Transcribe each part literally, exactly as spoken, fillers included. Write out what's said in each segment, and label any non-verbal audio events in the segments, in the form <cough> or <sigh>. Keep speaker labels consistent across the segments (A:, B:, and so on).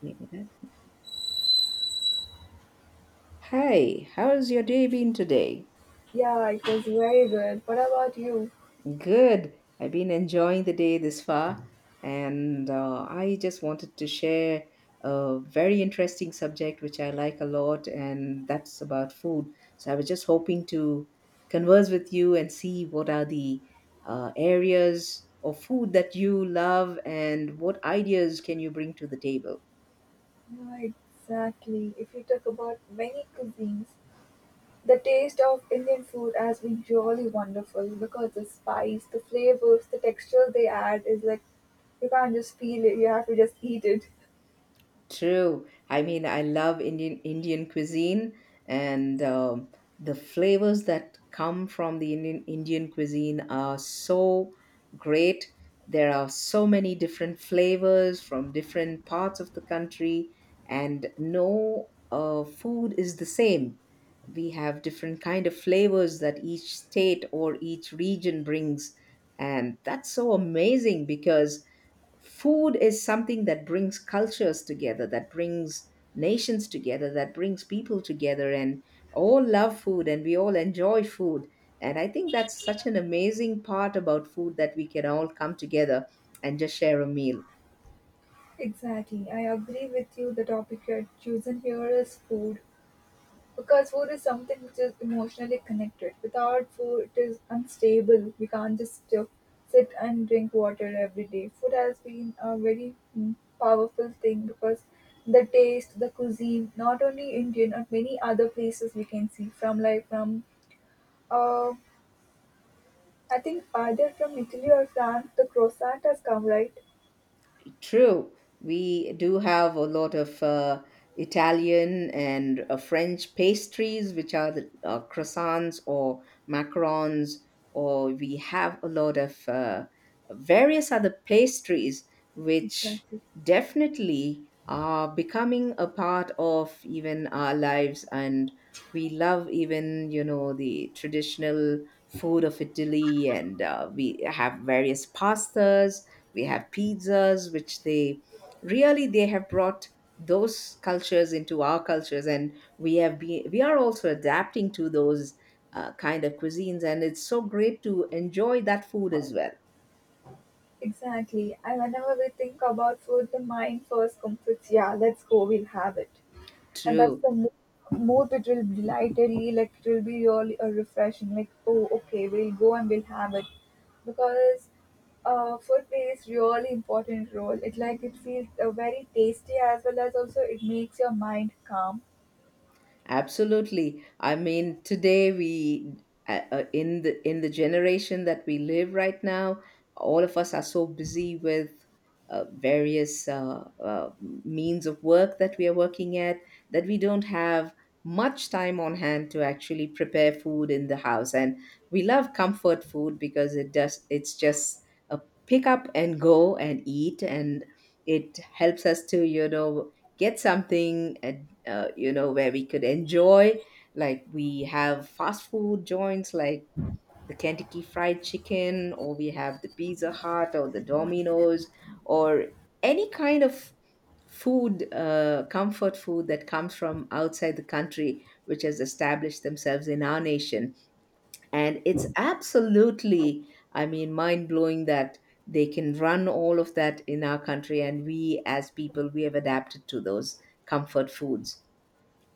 A: Give me that. Hi, how's your day been today?
B: Yeah, it was very good. What about you?
A: Good. I've been enjoying the day this far, and uh, I just wanted to share a very interesting subject which I like a lot, and that's about food. So I was just hoping to converse with you and see what are the uh, areas of food that you love and what ideas can you bring to the table.
B: Yeah, exactly. If you talk about many cuisines, the taste of Indian food has been usually wonderful because the spice, the flavors, the texture they add is like you can't just feel it, you have to just eat it.
A: True. I mean, I love Indian Indian cuisine and um, the flavors that come from the Indian Indian cuisine are so great. There are so many different flavors from different parts of the country, and no uh, food is the same. We have different kind of flavors that each state or each region brings, and that's so amazing because food is something that brings cultures together, that brings nations together, that brings people together, and all love food and we all enjoy food. And I think that's such an amazing part about food that we can all come together and just share a meal.
B: Exactly. I agree with you. The topic you had chosen here is food. Because food is something which is emotionally connected. Without food, it is unstable. We can't just uh, sit and drink water every day. Food has been a very mm, powerful thing because the taste, the cuisine, not only Indian, but many other places we can see from like from, uh, I think either from Italy or France, the croissant has come, right?
A: True. We do have a lot of uh, Italian and uh, French pastries, which are the uh, croissants or macarons, or we have a lot of uh, various other pastries, which
B: Exactly.
A: definitely are becoming a part of even our lives. And we love even, you know, the traditional food of Italy, and uh, we have various pastas, we have pizzas which they really they have brought those cultures into our cultures, and we have been we are also adapting to those uh, kind of cuisines, and it's so great to enjoy that food as well.
B: Exactly. And whenever we think about food, the mind first comes with, yeah, let's go, we'll have it. And that's
A: True.
B: the mo- more it will be lightly, like it will be really uh, refreshing, like, oh, okay, we'll go and we'll have it, because uh, food plays really important role, it, like, it feels uh, very tasty as well as also it makes your mind calm.
A: Absolutely. I mean, today we uh, uh, in the in the generation that we live right now, all of us are so busy with uh, various uh, uh, means of work that we are working at, that we don't have much time on hand to actually prepare food in the house. And we love comfort food because it does it's just a pick up and go and eat, and it helps us to, you know, get something and, uh, you know, where we could enjoy, like we have fast food joints like the Kentucky Fried Chicken, or we have the Pizza Hut or the Domino's, or any kind of food uh, comfort food that comes from outside the country which has established themselves in our nation. And it's absolutely, I mean, mind blowing that they can run all of that in our country. And we, as people, we have adapted to those comfort foods.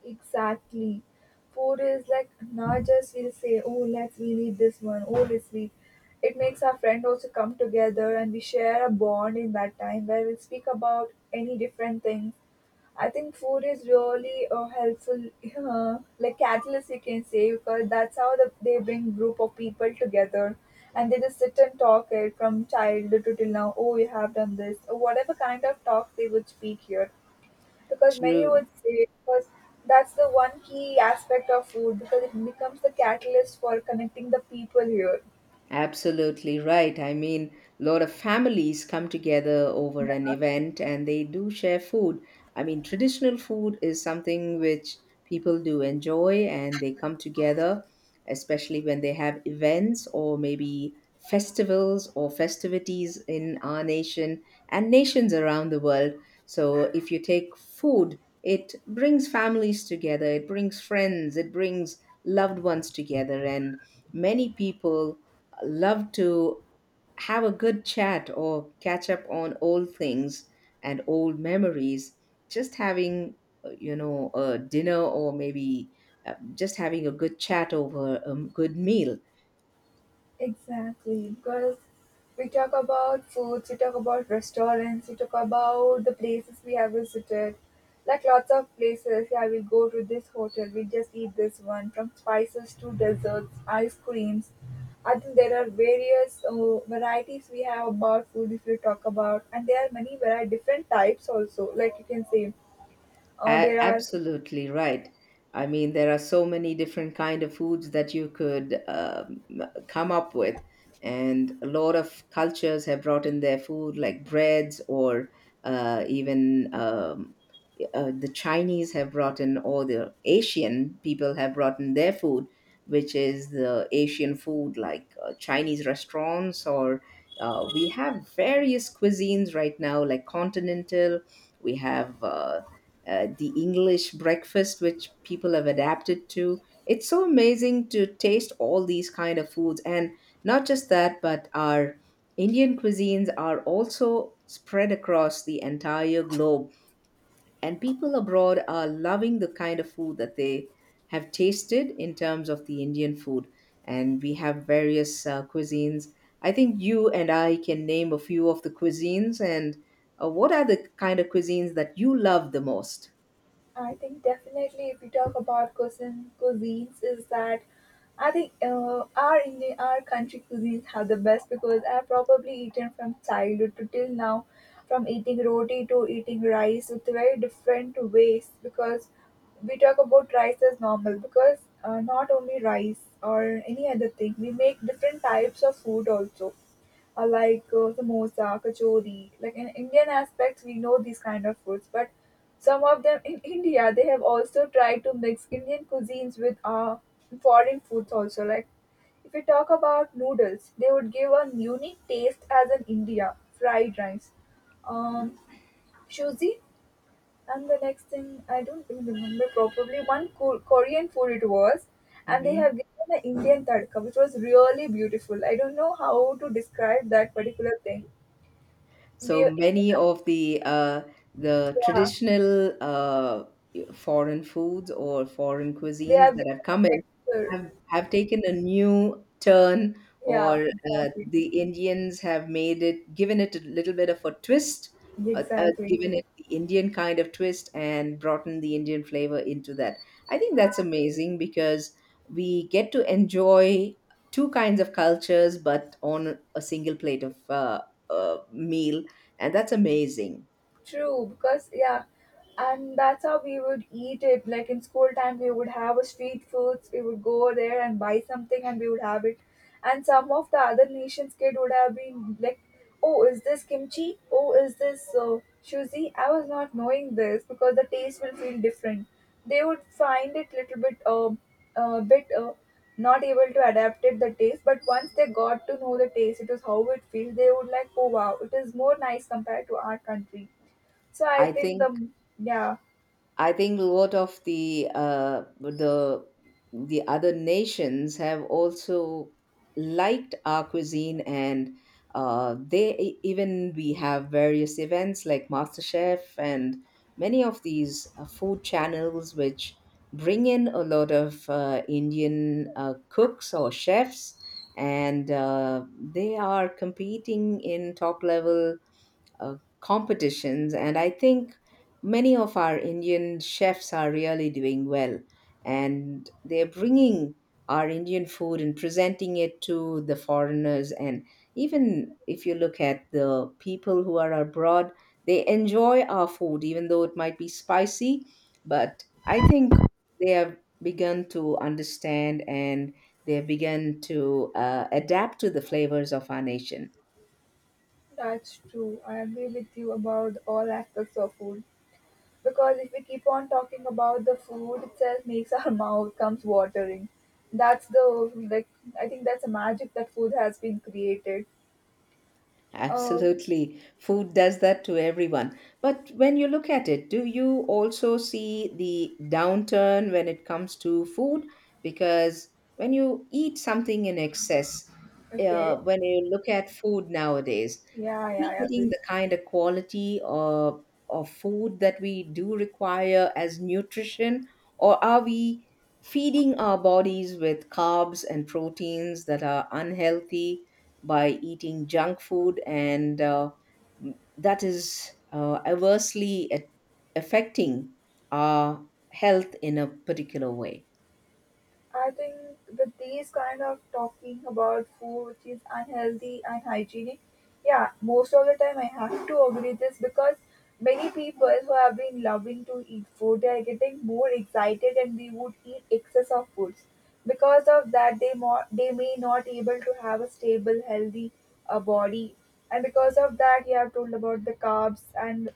B: Exactly, food is like not just we'll say oh let's we eat this one, oh let's we, it makes our friend also come together and we share a bond in that time where we'll speak about any different things. I think food is really uh, helpful, uh, like catalyst you can say, because that's how the, they bring group of people together, and they just sit and talk it from childhood to till now. Oh, you have done this, or whatever kind of talk they would speak here, because many
A: True.
B: would say because that's the one key aspect of food because it becomes the catalyst for connecting the people here.
A: Absolutely right. I mean, a lot of families come together over an event and they do share food. I mean, traditional food is something which people do enjoy and they come together, especially when they have events or maybe festivals or festivities in our nation and nations around the world. So, if you take food, it brings families together, it brings friends, it brings loved ones together, and many people love to have a good chat or catch up on old things and old memories. Just having, uh, you know, a dinner, or maybe uh, just having a good chat over a good meal.
B: Exactly, because we talk about foods, we talk about restaurants, we talk about the places we have visited. Like lots of places, yeah, we go to this hotel, we just eat this one, from spices to desserts, ice creams. I think there are various uh, varieties we have about food if you talk about, and there are many very different types also. Like you can say, uh,
A: A-
B: there are,
A: absolutely right. I mean, there are so many different kind of foods that you could um, come up with, and a lot of cultures have brought in their food, like breads, or uh, even um, uh, the Chinese have brought in, or the Asian people have brought in their food, which is the Asian food, like uh, Chinese restaurants, or uh, we have various cuisines right now, like continental. We have. Uh, uh, the English breakfast, which people have adapted to. It's so amazing to taste all these kind of foods, and not just that, but our Indian cuisines are also spread across the entire globe, and people abroad are loving the kind of food that they have tasted in terms of the Indian food. And we have various uh, cuisines. I think you and I can name a few of the cuisines. And uh, what are the kind of cuisines that you love the most?
B: I think definitely if we talk about cuisine cuisines is that, I think uh, our Indian our country cuisines have the best because I've probably eaten from childhood to till now, from eating roti to eating rice with very different ways because we talk about rice as normal because uh, not only rice or any other thing we make different types of food also, or like uh, samosa, kachori. Like in Indian aspects, we know these kind of foods, but some of them in <laughs> India they have also tried to mix Indian cuisines with uh, foreign foods also. Like if we talk about noodles, they would give a unique taste as in India fried rice. Um, shuzi? And the next thing, I don't really remember properly, one Ko- Korean food it was. And they
A: Hmm.
B: have given an Indian tadka, which was really beautiful. I don't know how to describe that particular thing. We,
A: So
B: are-
A: many
B: Indian,
A: of the uh, the
B: yeah,
A: traditional uh, foreign foods or foreign
B: they
A: cuisines
B: have
A: that
B: given
A: have come
B: a
A: in
B: texture.
A: have have taken a new turn,
B: Yeah,
A: or uh,
B: exactly.
A: the Indians have made it, given it a little bit of a twist, uh, uh,
B: Exactly.
A: given it the Indian kind of twist, and brought in the Indian flavor into that. I think that's amazing because we get to enjoy two kinds of cultures, but on a single plate of uh, uh, meal, and that's amazing.
B: True, because yeah, and that's how we would eat it. Like in school time, we would have a street foods. We would go there and buy something, and we would have it. And some of the other nations' kid would have been like, "Oh, is this kimchi? Oh, is this uh, shuzi?" I was not knowing this because the taste will feel different. They would find it little bit, uh, uh, bit uh, not able to adapt it the taste. But once they got to know the taste, it was how it feels. They would like, "Oh wow, it is more nice compared to our country." So I
A: I
B: think
A: think
B: the yeah,
A: I think a lot of the uh, the the other nations have also liked our cuisine, and uh, they e- even we have various events like MasterChef and many of these uh, food channels which bring in a lot of uh, Indian uh, cooks or chefs, and uh, they are competing in top level uh, competitions. And I think many of our Indian chefs are really doing well. And they're bringing our Indian food and presenting it to the foreigners. And even if you look at the people who are abroad, they enjoy our food, even though it might be spicy. But I think they have begun to understand and they have begun to uh, adapt to the flavors of our nation.
B: that's true. I agree with you about all aspects of food because if we keep on talking about the food itself, makes our <laughs> mouth comes watering. That's the, like, I think that's a magic that food has been created. Um.
A: Absolutely. Food does that to everyone. But when you look at it, do you also see the downturn when it comes to food? Because when you eat something in excess,
B: Okay.
A: uh, when you look at food nowadays,
B: Yeah.
A: are
B: Yeah. I
A: we getting
B: agree.
A: the kind of quality of, of food that we do require as nutrition, or are we feeding our bodies with carbs and proteins that are unhealthy by eating junk food, and uh, that is uh, adversely a- affecting our health in a particular way?
B: I think with these kind of talking about food which is unhealthy and hygienic, yeah, most of the time I have to agree this because many people who have been loving to eat food, they are getting more excited and they would eat excess of foods. Because of that, they more they may not able to have a stable, healthy uh, body, and because of that, you have told about the carbs and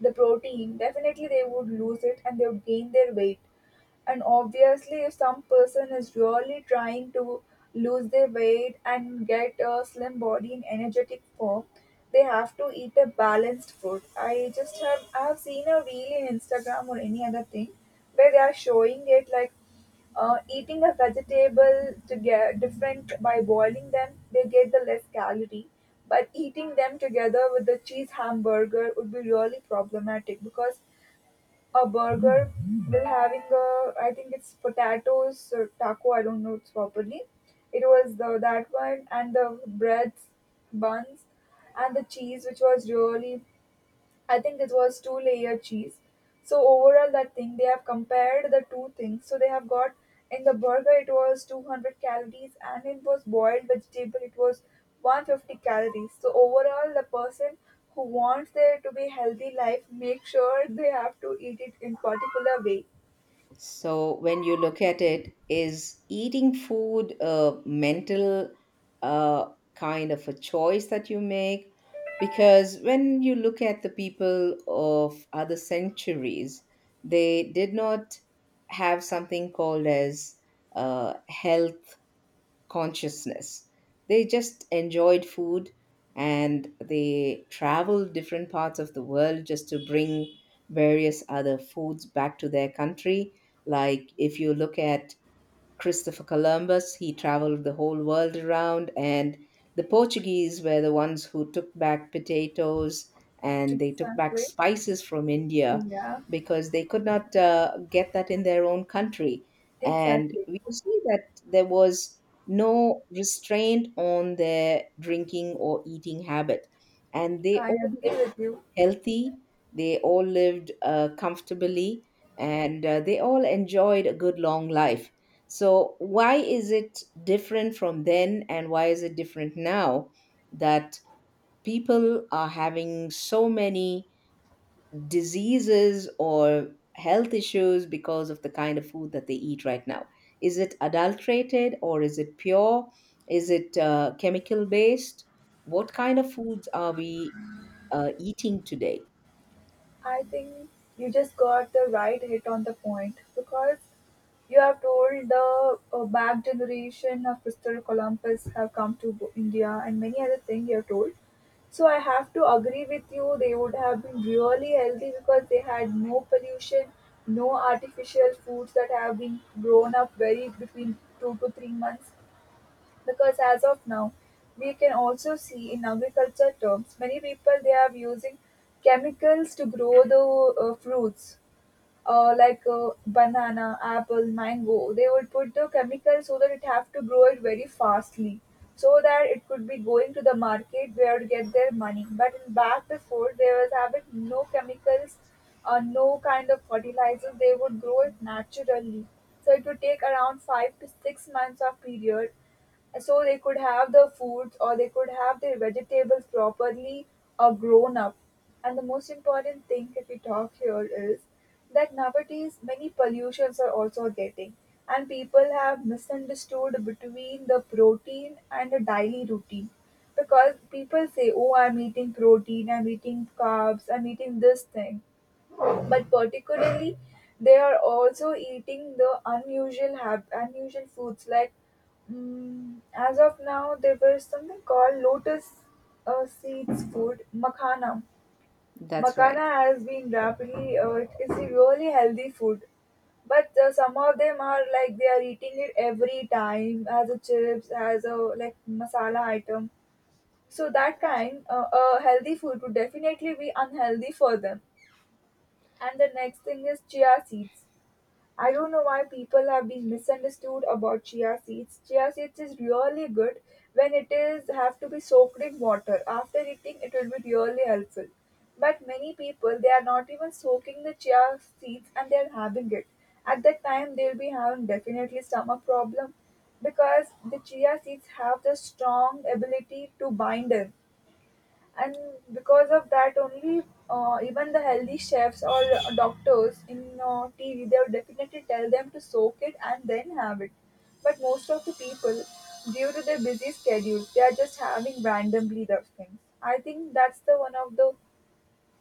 B: the protein. Definitely, they would lose it and they would gain their weight, and obviously, if some person is really trying to lose their weight and get a slim body in energetic form, they have to eat a balanced food. I just have I have seen a reel in Instagram or any other thing where they are showing it like uh, eating a vegetable to get different by boiling them, they get the less calorie. But eating them together with the cheese hamburger would be really problematic because a burger will having a, I think it's potatoes or taco, I don't know it's properly. It was the that one and the breads, buns, and the cheese, which was really, I think it was two layer cheese. So overall, that thing they have compared the two things. So they have got, in the burger it was two hundred calories, and it was boiled vegetable it was one hundred fifty calories. So overall, the person who wants there to be healthy life make sure they have to eat it in particular way.
A: So when you look at it, is eating food a mental uh, kind of a choice that you make? Because when you look at the people of other centuries, they did not have something called as uh, health consciousness. They just enjoyed food and they traveled different parts of the world just to bring various other foods back to their country. Like if you look at Christopher Columbus, he traveled the whole world around, and the Portuguese were the ones who took back potatoes and they took back
B: Exactly.
A: spices from India
B: Yeah.
A: because they could not uh, get that in their own country. And
B: Exactly.
A: we see that there was no restraint on their drinking or eating habit. And they
B: I
A: all
B: agree
A: lived
B: with you.
A: healthy, they all lived uh, comfortably, and uh, they all enjoyed a good long life. So, why is it different from then, and why is it different now that people are having so many diseases or health issues because of the kind of food that they eat right now? Is it adulterated or is it pure? Is it uh, chemical based? What kind of foods are we uh, eating today?
B: I think you just got the right hit on the point because you have told the uh, back generation of Christopher Columbus have come to Bo- India, and many other things you have told. So I have to agree with you. They would have been really healthy because they had no pollution, no artificial foods that have been grown up very between two to three months. Because as of now, we can also see in agriculture terms, many people they are using chemicals to grow the uh, fruits, uh, like uh, banana, apple, mango. They would put the chemicals so that it have to grow it very fastly, so that it could be going to the market where to get their money. But in back before they was having no chemicals or no kind of fertilizer, they would grow it naturally. So it would take around five to six months of period so they could have the foods or they could have their vegetables properly uh, grown up. And the most important thing if we talk here is that nowadays many pollutions are also getting, and people have misunderstood between the protein and the daily routine because people say, oh I'm eating protein, I'm eating carbs, I'm eating this thing, but particularly they are also eating the unusual hab- unusual foods, like, mm, as of now there was something called lotus uh, seeds food, makana.
A: That's right.
B: Makana has been rapidly, uh, it's a really healthy food, but uh, some of them are like they are eating it every time as a chips, as a, like, masala item, so that kind uh, a healthy food would definitely be unhealthy for them. And the next thing is chia seeds. I don't know why people have been misunderstood about chia seeds. Chia seeds is really good when it is have to be soaked in water. After eating it will be really helpful. But many people they are not even soaking the chia seeds and they are having it. At that time they'll be having definitely stomach problem because the chia seeds have the strong ability to bind in, and because of that only, uh, even the healthy chefs or doctors in uh, T V they would definitely tell them to soak it and then have it, but most of the people due to their busy schedule they are just having randomly the things. I think that's the one of the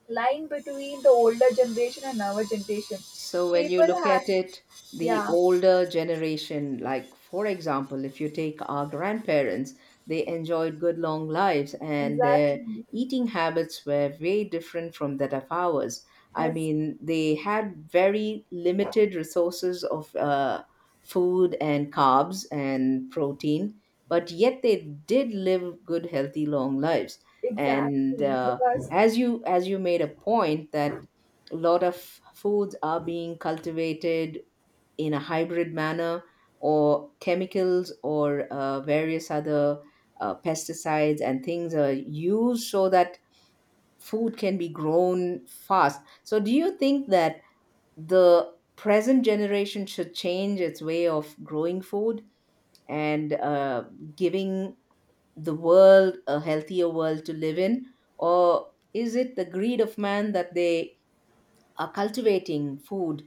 B: line between the older generation and our generation.
A: So when you
B: People
A: look
B: have.
A: at it, the
B: Yeah,
A: older generation, like for example, if you take our grandparents, they enjoyed good long lives and their
B: exactly.
A: eating habits were very different from that of ours. I
B: Yes,
A: mean, they had very limited resources of uh, food and carbs and protein, but yet they did live good, healthy, long lives. And
B: exactly,
A: uh,
B: because.
A: as you as you made a point that a lot of foods are being cultivated in a hybrid manner or chemicals or uh, various other uh, pesticides and things are used so that food can be grown fast. So do you think that the present generation should change its way of growing food, and uh, giving the world a healthier world to live in, or is it the greed of man that they are cultivating food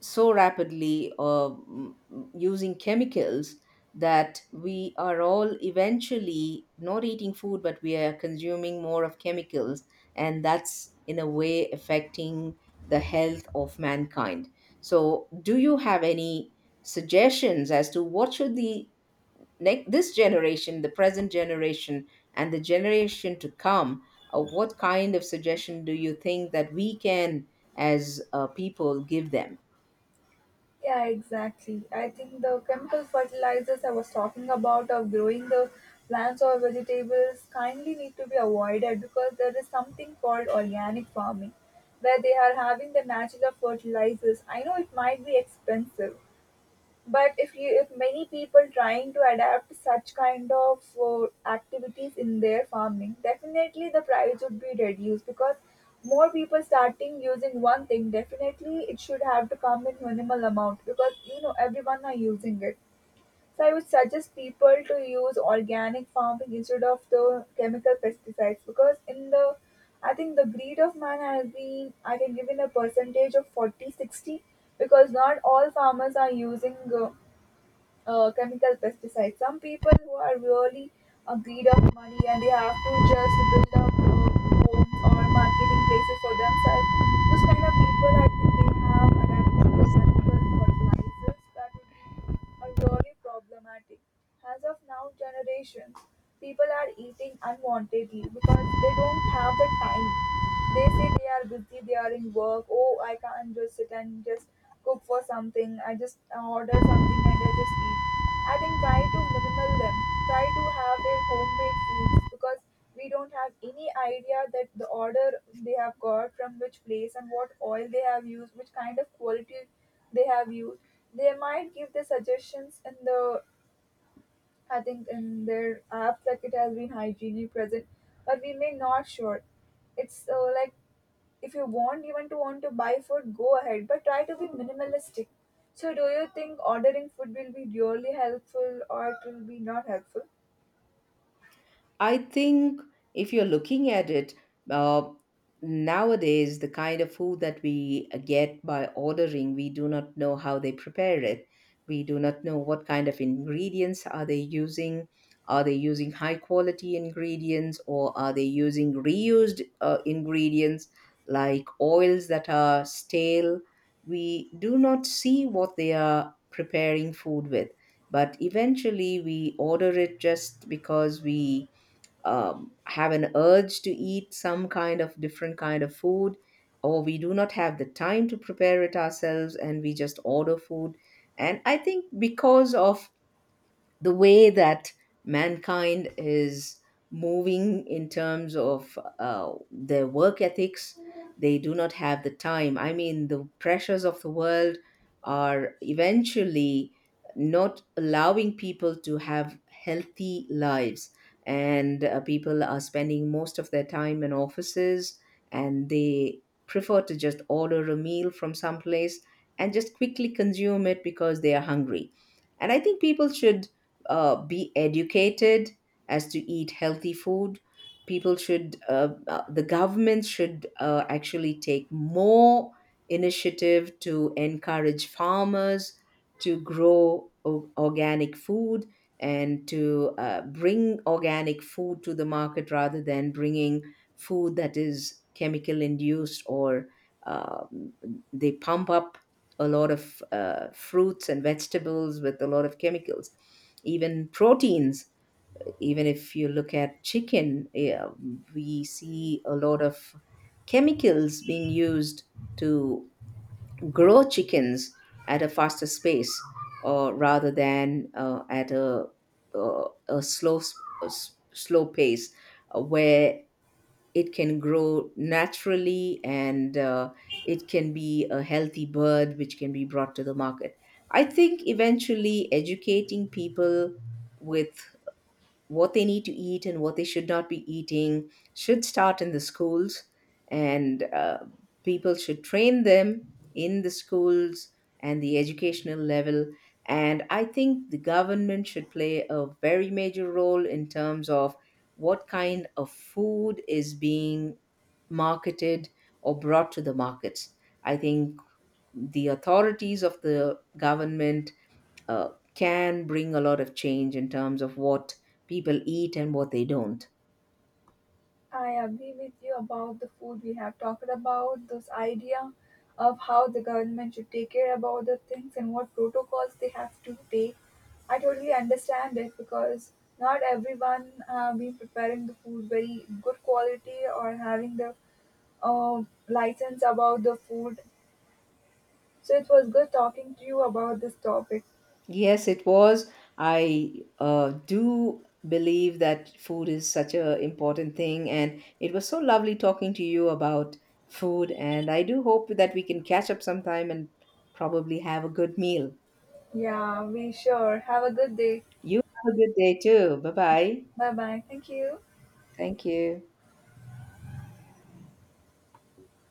A: so rapidly, or mm, using chemicals, that we are all eventually not eating food but we are consuming more of chemicals, and that's in a way affecting the health of mankind? So do you have any suggestions as to what should the, like this generation, the present generation, and the generation to come, uh, what kind of suggestion do you think that we can, as uh, people, give them?
B: Yeah, exactly. I think the chemical fertilizers I was talking about of growing the plants or vegetables kindly need to be avoided because there is something called organic farming where they are having the natural fertilizers. I know it might be expensive, but if you, if many people trying to adapt such kind of uh, activities in their farming, definitely the price would be reduced because more people starting using one thing. Definitely, it should have to come in minimal amount because you know everyone are using it. So I would suggest people to use organic farming instead of the chemical pesticides, because in the I think the greed of man has been, I can give in a percentage of forty sixty, because not all farmers are using uh, uh, chemical pesticides. Some people who are really a greed of money and they have to just build up uh, homes or marketing places for themselves. Those kind of people, I think they have adapted to chemical fertilizers, that would be a really problematic. As of now, generations, people are eating unwantedly because they don't have the time, they say they are busy, they are in work. Oh, I can't just sit and just cook for something. I just uh, order something and I just eat. I think try to minimal them. Try to have their homemade foods because we don't have any idea that the order they have got from which place and what oil they have used, which kind of quality they have used. They might give the suggestions in the, I think, in their apps like it has been hygienic present, but we may not sure. It's uh, like if you want even to want to buy food, go ahead, but try to be minimalistic. So do you think ordering food will be really helpful or it will be not helpful?
A: I think if you're looking at it, uh, nowadays, the kind of food that we get by ordering, we do not know how they prepare it. We do not know what kind of ingredients are they using. Are they using high quality ingredients, or are they using reused uh, ingredients, like oils that are stale? We do not see what they are preparing food with, but eventually we order it just because we um, have an urge to eat some kind of different kind of food, or we do not have the time to prepare it ourselves and we just order food. And I think because of the way that mankind is moving in terms of uh, their work ethics, they do not have the time. I mean, the pressures of the world are eventually not allowing people to have healthy lives, and uh, people are spending most of their time in offices, and they prefer to just order a meal from someplace and just quickly consume it because they are hungry. And I think people should uh, be educated as to eat healthy food. People should, uh, uh, the government should uh, actually take more initiative to encourage farmers to grow o- organic food, and to uh, bring organic food to the market rather than bringing food that is chemical induced, or um they pump up a lot of uh, fruits and vegetables with a lot of chemicals, even proteins. Even if you look at chicken, yeah, we see a lot of chemicals being used to grow chickens at a faster space, or rather than uh, at a, uh, a slow s- a s- slow pace, uh, where it can grow naturally, and uh, it can be a healthy bird which can be brought to the market. I think eventually educating people with what they need to eat and what they should not be eating should start in the schools, and uh, people should train them in the schools and the educational level. And I think the government should play a very major role in terms of what kind of food is being marketed or brought to the markets. I think the authorities of the government uh, can bring a lot of change in terms of what people eat and what they don't.
B: I agree with you about the food we have talked about, this idea of how the government should take care about the things and what protocols they have to take. I totally understand it because not everyone uh, been preparing the food very good quality or having the uh, license about the food. So it was good talking to you about this topic.
A: Yes, it was. I uh, do believe that food is such a important thing, and it was so lovely talking to you about food. And I do hope that we can catch up sometime and probably have a good meal.
B: Yeah, we sure. Have a good day.
A: You have a good day too. Bye bye.
B: Bye bye. Thank you.
A: Thank you.